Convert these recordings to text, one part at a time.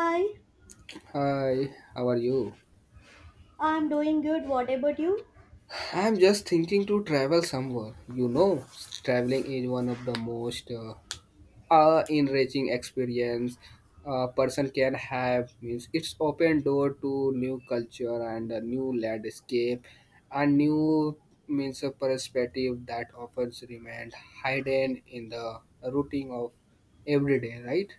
Hi, Hi, how are you? I'm doing good. What about you? I'm just thinking to travel somewhere. You know, traveling is one of the most enriching experience a person can have. Means it's open door to new culture and a new landscape, and new means a perspective that often remained hidden in the routine of every day. Right?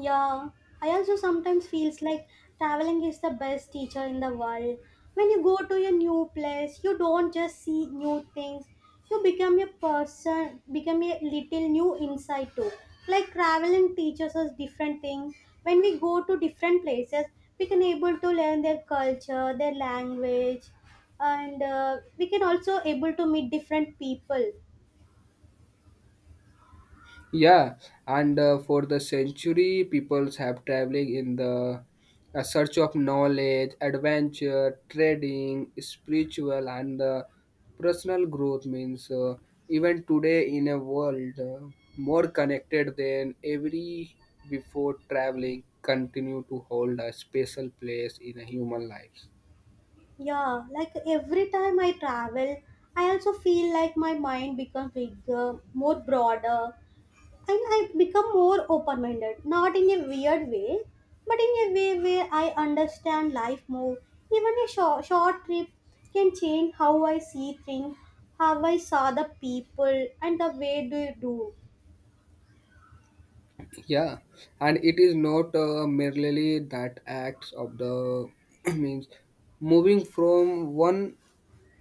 Yeah, I also sometimes feels like traveling is the best teacher in the world. When you go to a new place, you don't just see new things. You become a person, become a little new inside too. Like traveling teaches us different things. When we go to different places, we can able to learn their culture, their language, and we can also able to meet different people. Yeah, and for the century, peoples have traveling in the search of knowledge, adventure, trading, spiritual, and personal growth. Means even today in a world more connected than every before, traveling continue to hold a special place in a human life. Yeah, like every time I travel, I also feel like my mind becomes bigger, more broader, and I become more open minded. Not in a weird way, but in a way where I understand life more. Even a short, short trip can change how I see things, how I saw the people, and the way they do. Yeah, and it is not merely that acts of the means moving from one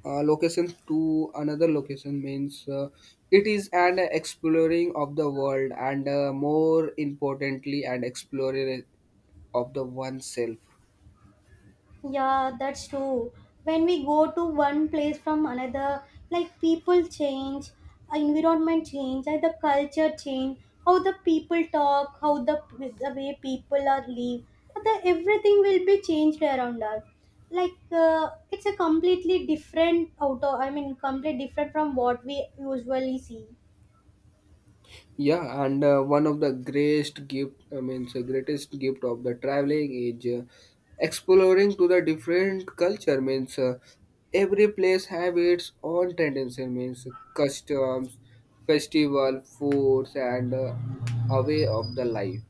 location to another location means it is an exploring of the world and more importantly an explorer of the oneself. Yeah, that's true. When we go to one place from another, like people change, environment change, and the culture change, how the people talk, how the way people are live, the everything will be changed around us. Like it's a completely different auto. I mean, complete different from what we usually see. Yeah, and one of the greatest gift, I mean, the greatest gift of the traveling is exploring to the different culture means every place have its own tendency means customs festival foods and a way of the life.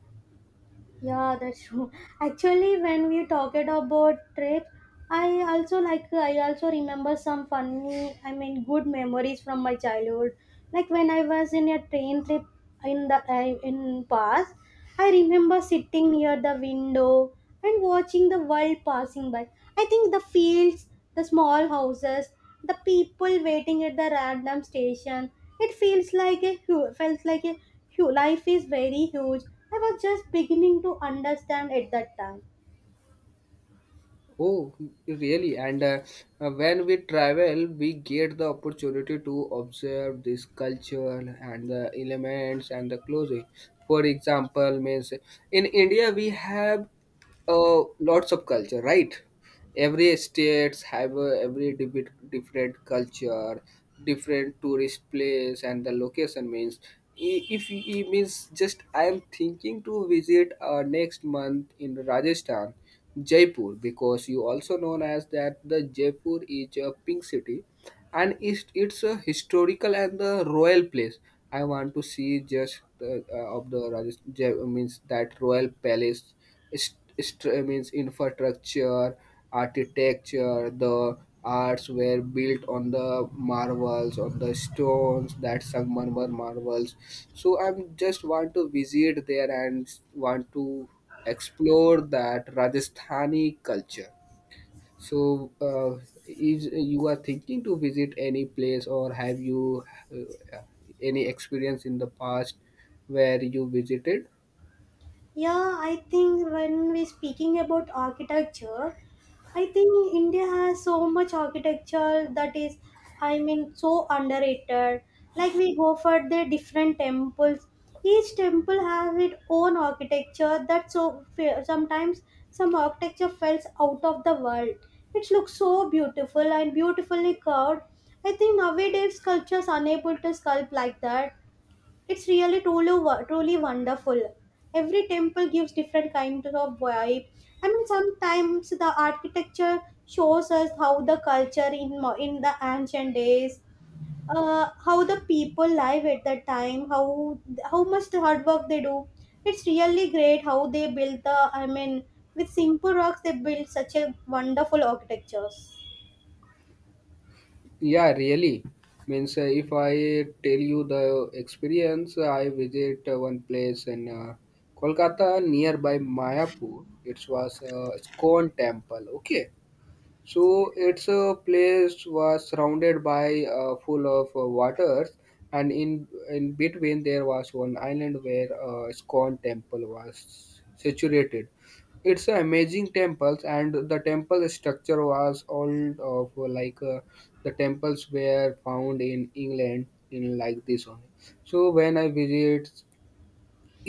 Yeah, that's true. Actually, when we talked about trip, I also like I also remember some funny, I mean, good memories from my childhood. Like when I was in a train trip in the I in past, I remember sitting near the window and watching the world passing by. I think the fields, the small houses, the people waiting at the random station. It feels like a felt like a life is very huge. I was just beginning to understand at that time. Oh, really? And when we travel, we get the opportunity to observe this culture and the elements and the clothing. For example, means in India we have lots of culture, right? Every states have a, every debit, different culture different tourist place and the location means if it means just I am thinking to visit next month in Rajasthan Jaipur because you also known as that the Jaipur is a pink city and it's a historical and the royal place. I want to see just of the Rajasthan, means that royal palace St- means infrastructure, architecture, the arts were built on the marvels, on the stones that Sangmarmar marvels. So I'm just want to visit there and want to explore that Rajasthani culture. So, is you are thinking to visit any place, or have you uh, any experience in the past where you visited? Yeah, I think when we speaking about architecture, I think India has so much architecture that is, I mean, so underrated. Like we go for the different temples. Each temple has its own architecture that so sometimes some architecture falls out of the world. It looks so beautiful and beautifully curved. I think nowadays sculptures unable to sculpt like that. It's really truly truly wonderful. Every temple gives different kinds of vibe. I mean, sometimes the architecture shows us how the culture in in the ancient days, how the people live at that time, how much the hard work they do. It's really great how they build the. I mean, with simple rocks they build such a wonderful architectures. Yeah, really. Means if I tell you the experience, I visit one place in Kolkata nearby Mayapur. It was a Iskcon temple. Okay, so it's a place was surrounded by full of waters, and in between there was one island where a Scone temple was situated. It's an amazing temples, and the temple structure was all of like the temples were found in England in like this only. So when I visit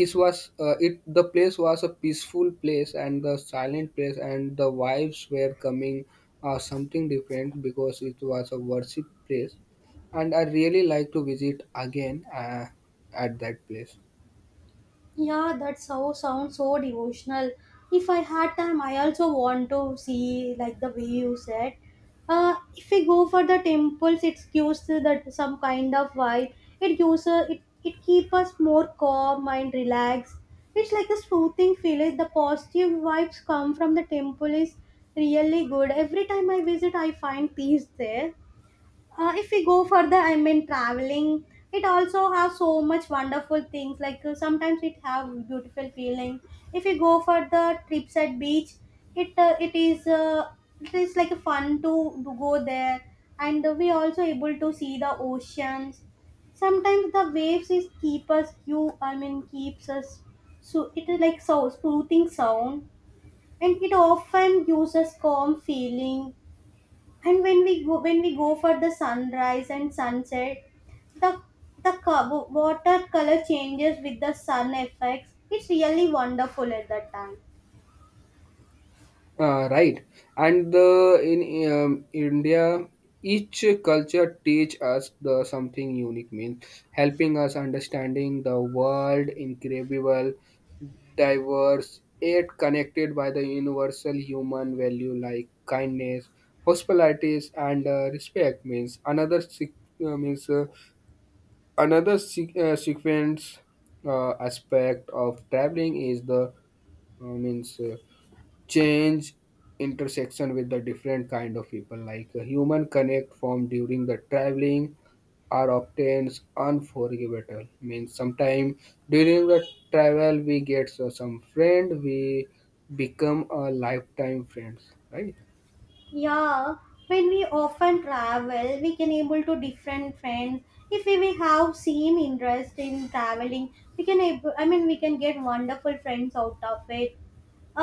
it was it the place was a peaceful place and the silent place and the vibes were coming something different because it was a worship place, and I really like to visit again at that place. Yeah, that so sounds so devotional. If I had time, I also want to see like the way you said. If we go for the temples, it gives that some kind of vibe. It gives it keep us more calm and relaxed. It's like a soothing feeling. The positive vibes come from the temple is really good. Every time I visit, I find peace there. If we go further, I mean, traveling, it also has so much wonderful things. Like sometimes it have beautiful feeling. If you go for the trips at beach, it is it is like fun to go there, and we also able to see the oceans. Sometimes the waves is keep us, you I mean, keeps us, so it is like so soothing sound, and it often gives us calm feeling. And when we go for the sunrise and sunset, the watercolor changes with the sun effects. It's really wonderful at that time. Right. And the in India, each culture teach us the something unique means helping us understanding the world incredible, diverse, yet connected by the universal human value like kindness, hospitalities, and respect means another means another sequence aspect of traveling is the means change intersection with the different kind of people like a human connect formed during the traveling are often unforgettable means sometime during the travel we get so some friend we become a lifetime friends, right? Yeah, when we often travel, we can able to different friends. If we have same interest in traveling, we can able, I mean, we can get wonderful friends out of it.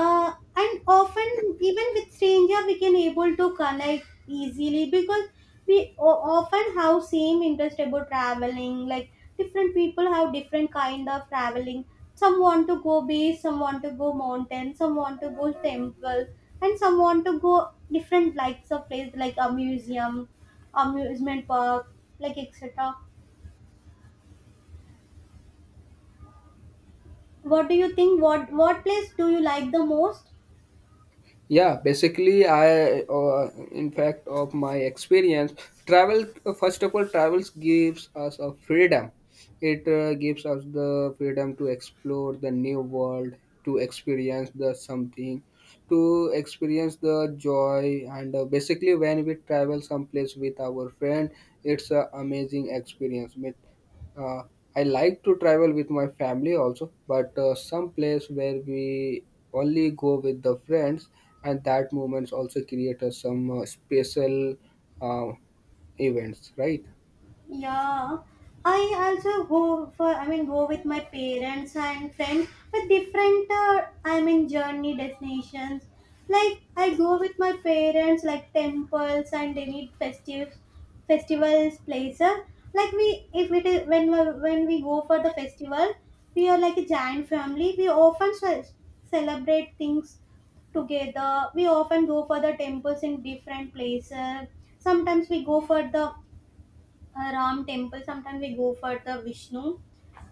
And often even with stranger we can able to connect easily, because we often have same interest about traveling. Like different people have different kind of traveling. Some want to go beach, some want to go mountain, some want to go temple, and some want to go different likes of place, like a museum, amusement park, like etc. What do you think, what place do you like the most? Yeah, basically, I, in fact, of my experience, travel, first of all, travels gives us a freedom. It gives us the freedom to explore the new world, to experience the something, to experience the joy. And basically, when we travel someplace with our friend, it's an amazing experience. Uh, I like to travel with my family also, but some place where we only go with the friends, and that moments also create us some special uh, events, right? Yeah, I also go for, I mean, go with my parents and friends with different I mean journey destinations. Like I go with my parents like temples and any festive festivals places. Like we if it is when when we go for the festival, we are like a giant family. We often celebrate things together. We often go for the temples in different places. Sometimes we go for the Ram temple. Sometimes we go for the Vishnu.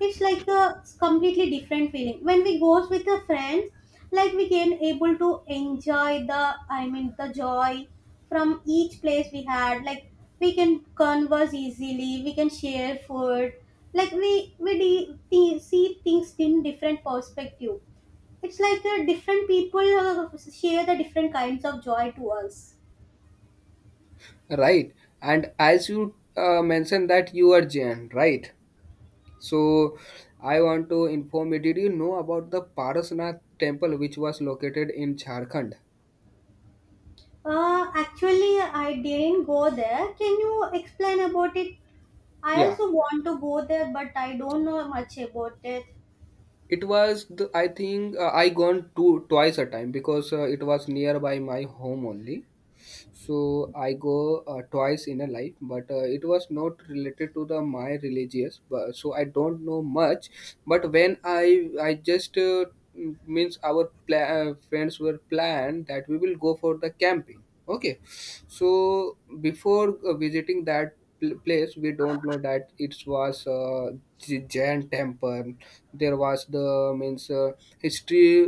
It's like a completely different feeling. When we goes with the friends, like we can able to enjoy the, I mean, the joy from each place we had. Like we can converse easily. We can share food. Like see things in different perspective. It's like different people share the different kinds of joy to us. Right. And as you mentioned that you are Jain, right? So I want to inform you. Did you know about the Parasnath temple, which was located in Jharkhand? Actually, I didn't go there. Can you explain about it? I Yeah. also want to go there, but I don't know much about it. It was the I think I gone two twice a time because it was nearby my home only, so I go twice in a life, but it was not related to the my religious but, so I don't know much, but when I just means our friends were planned that we will go for the camping. Okay, so before visiting that place we don't know that it was giant temple. There was the means history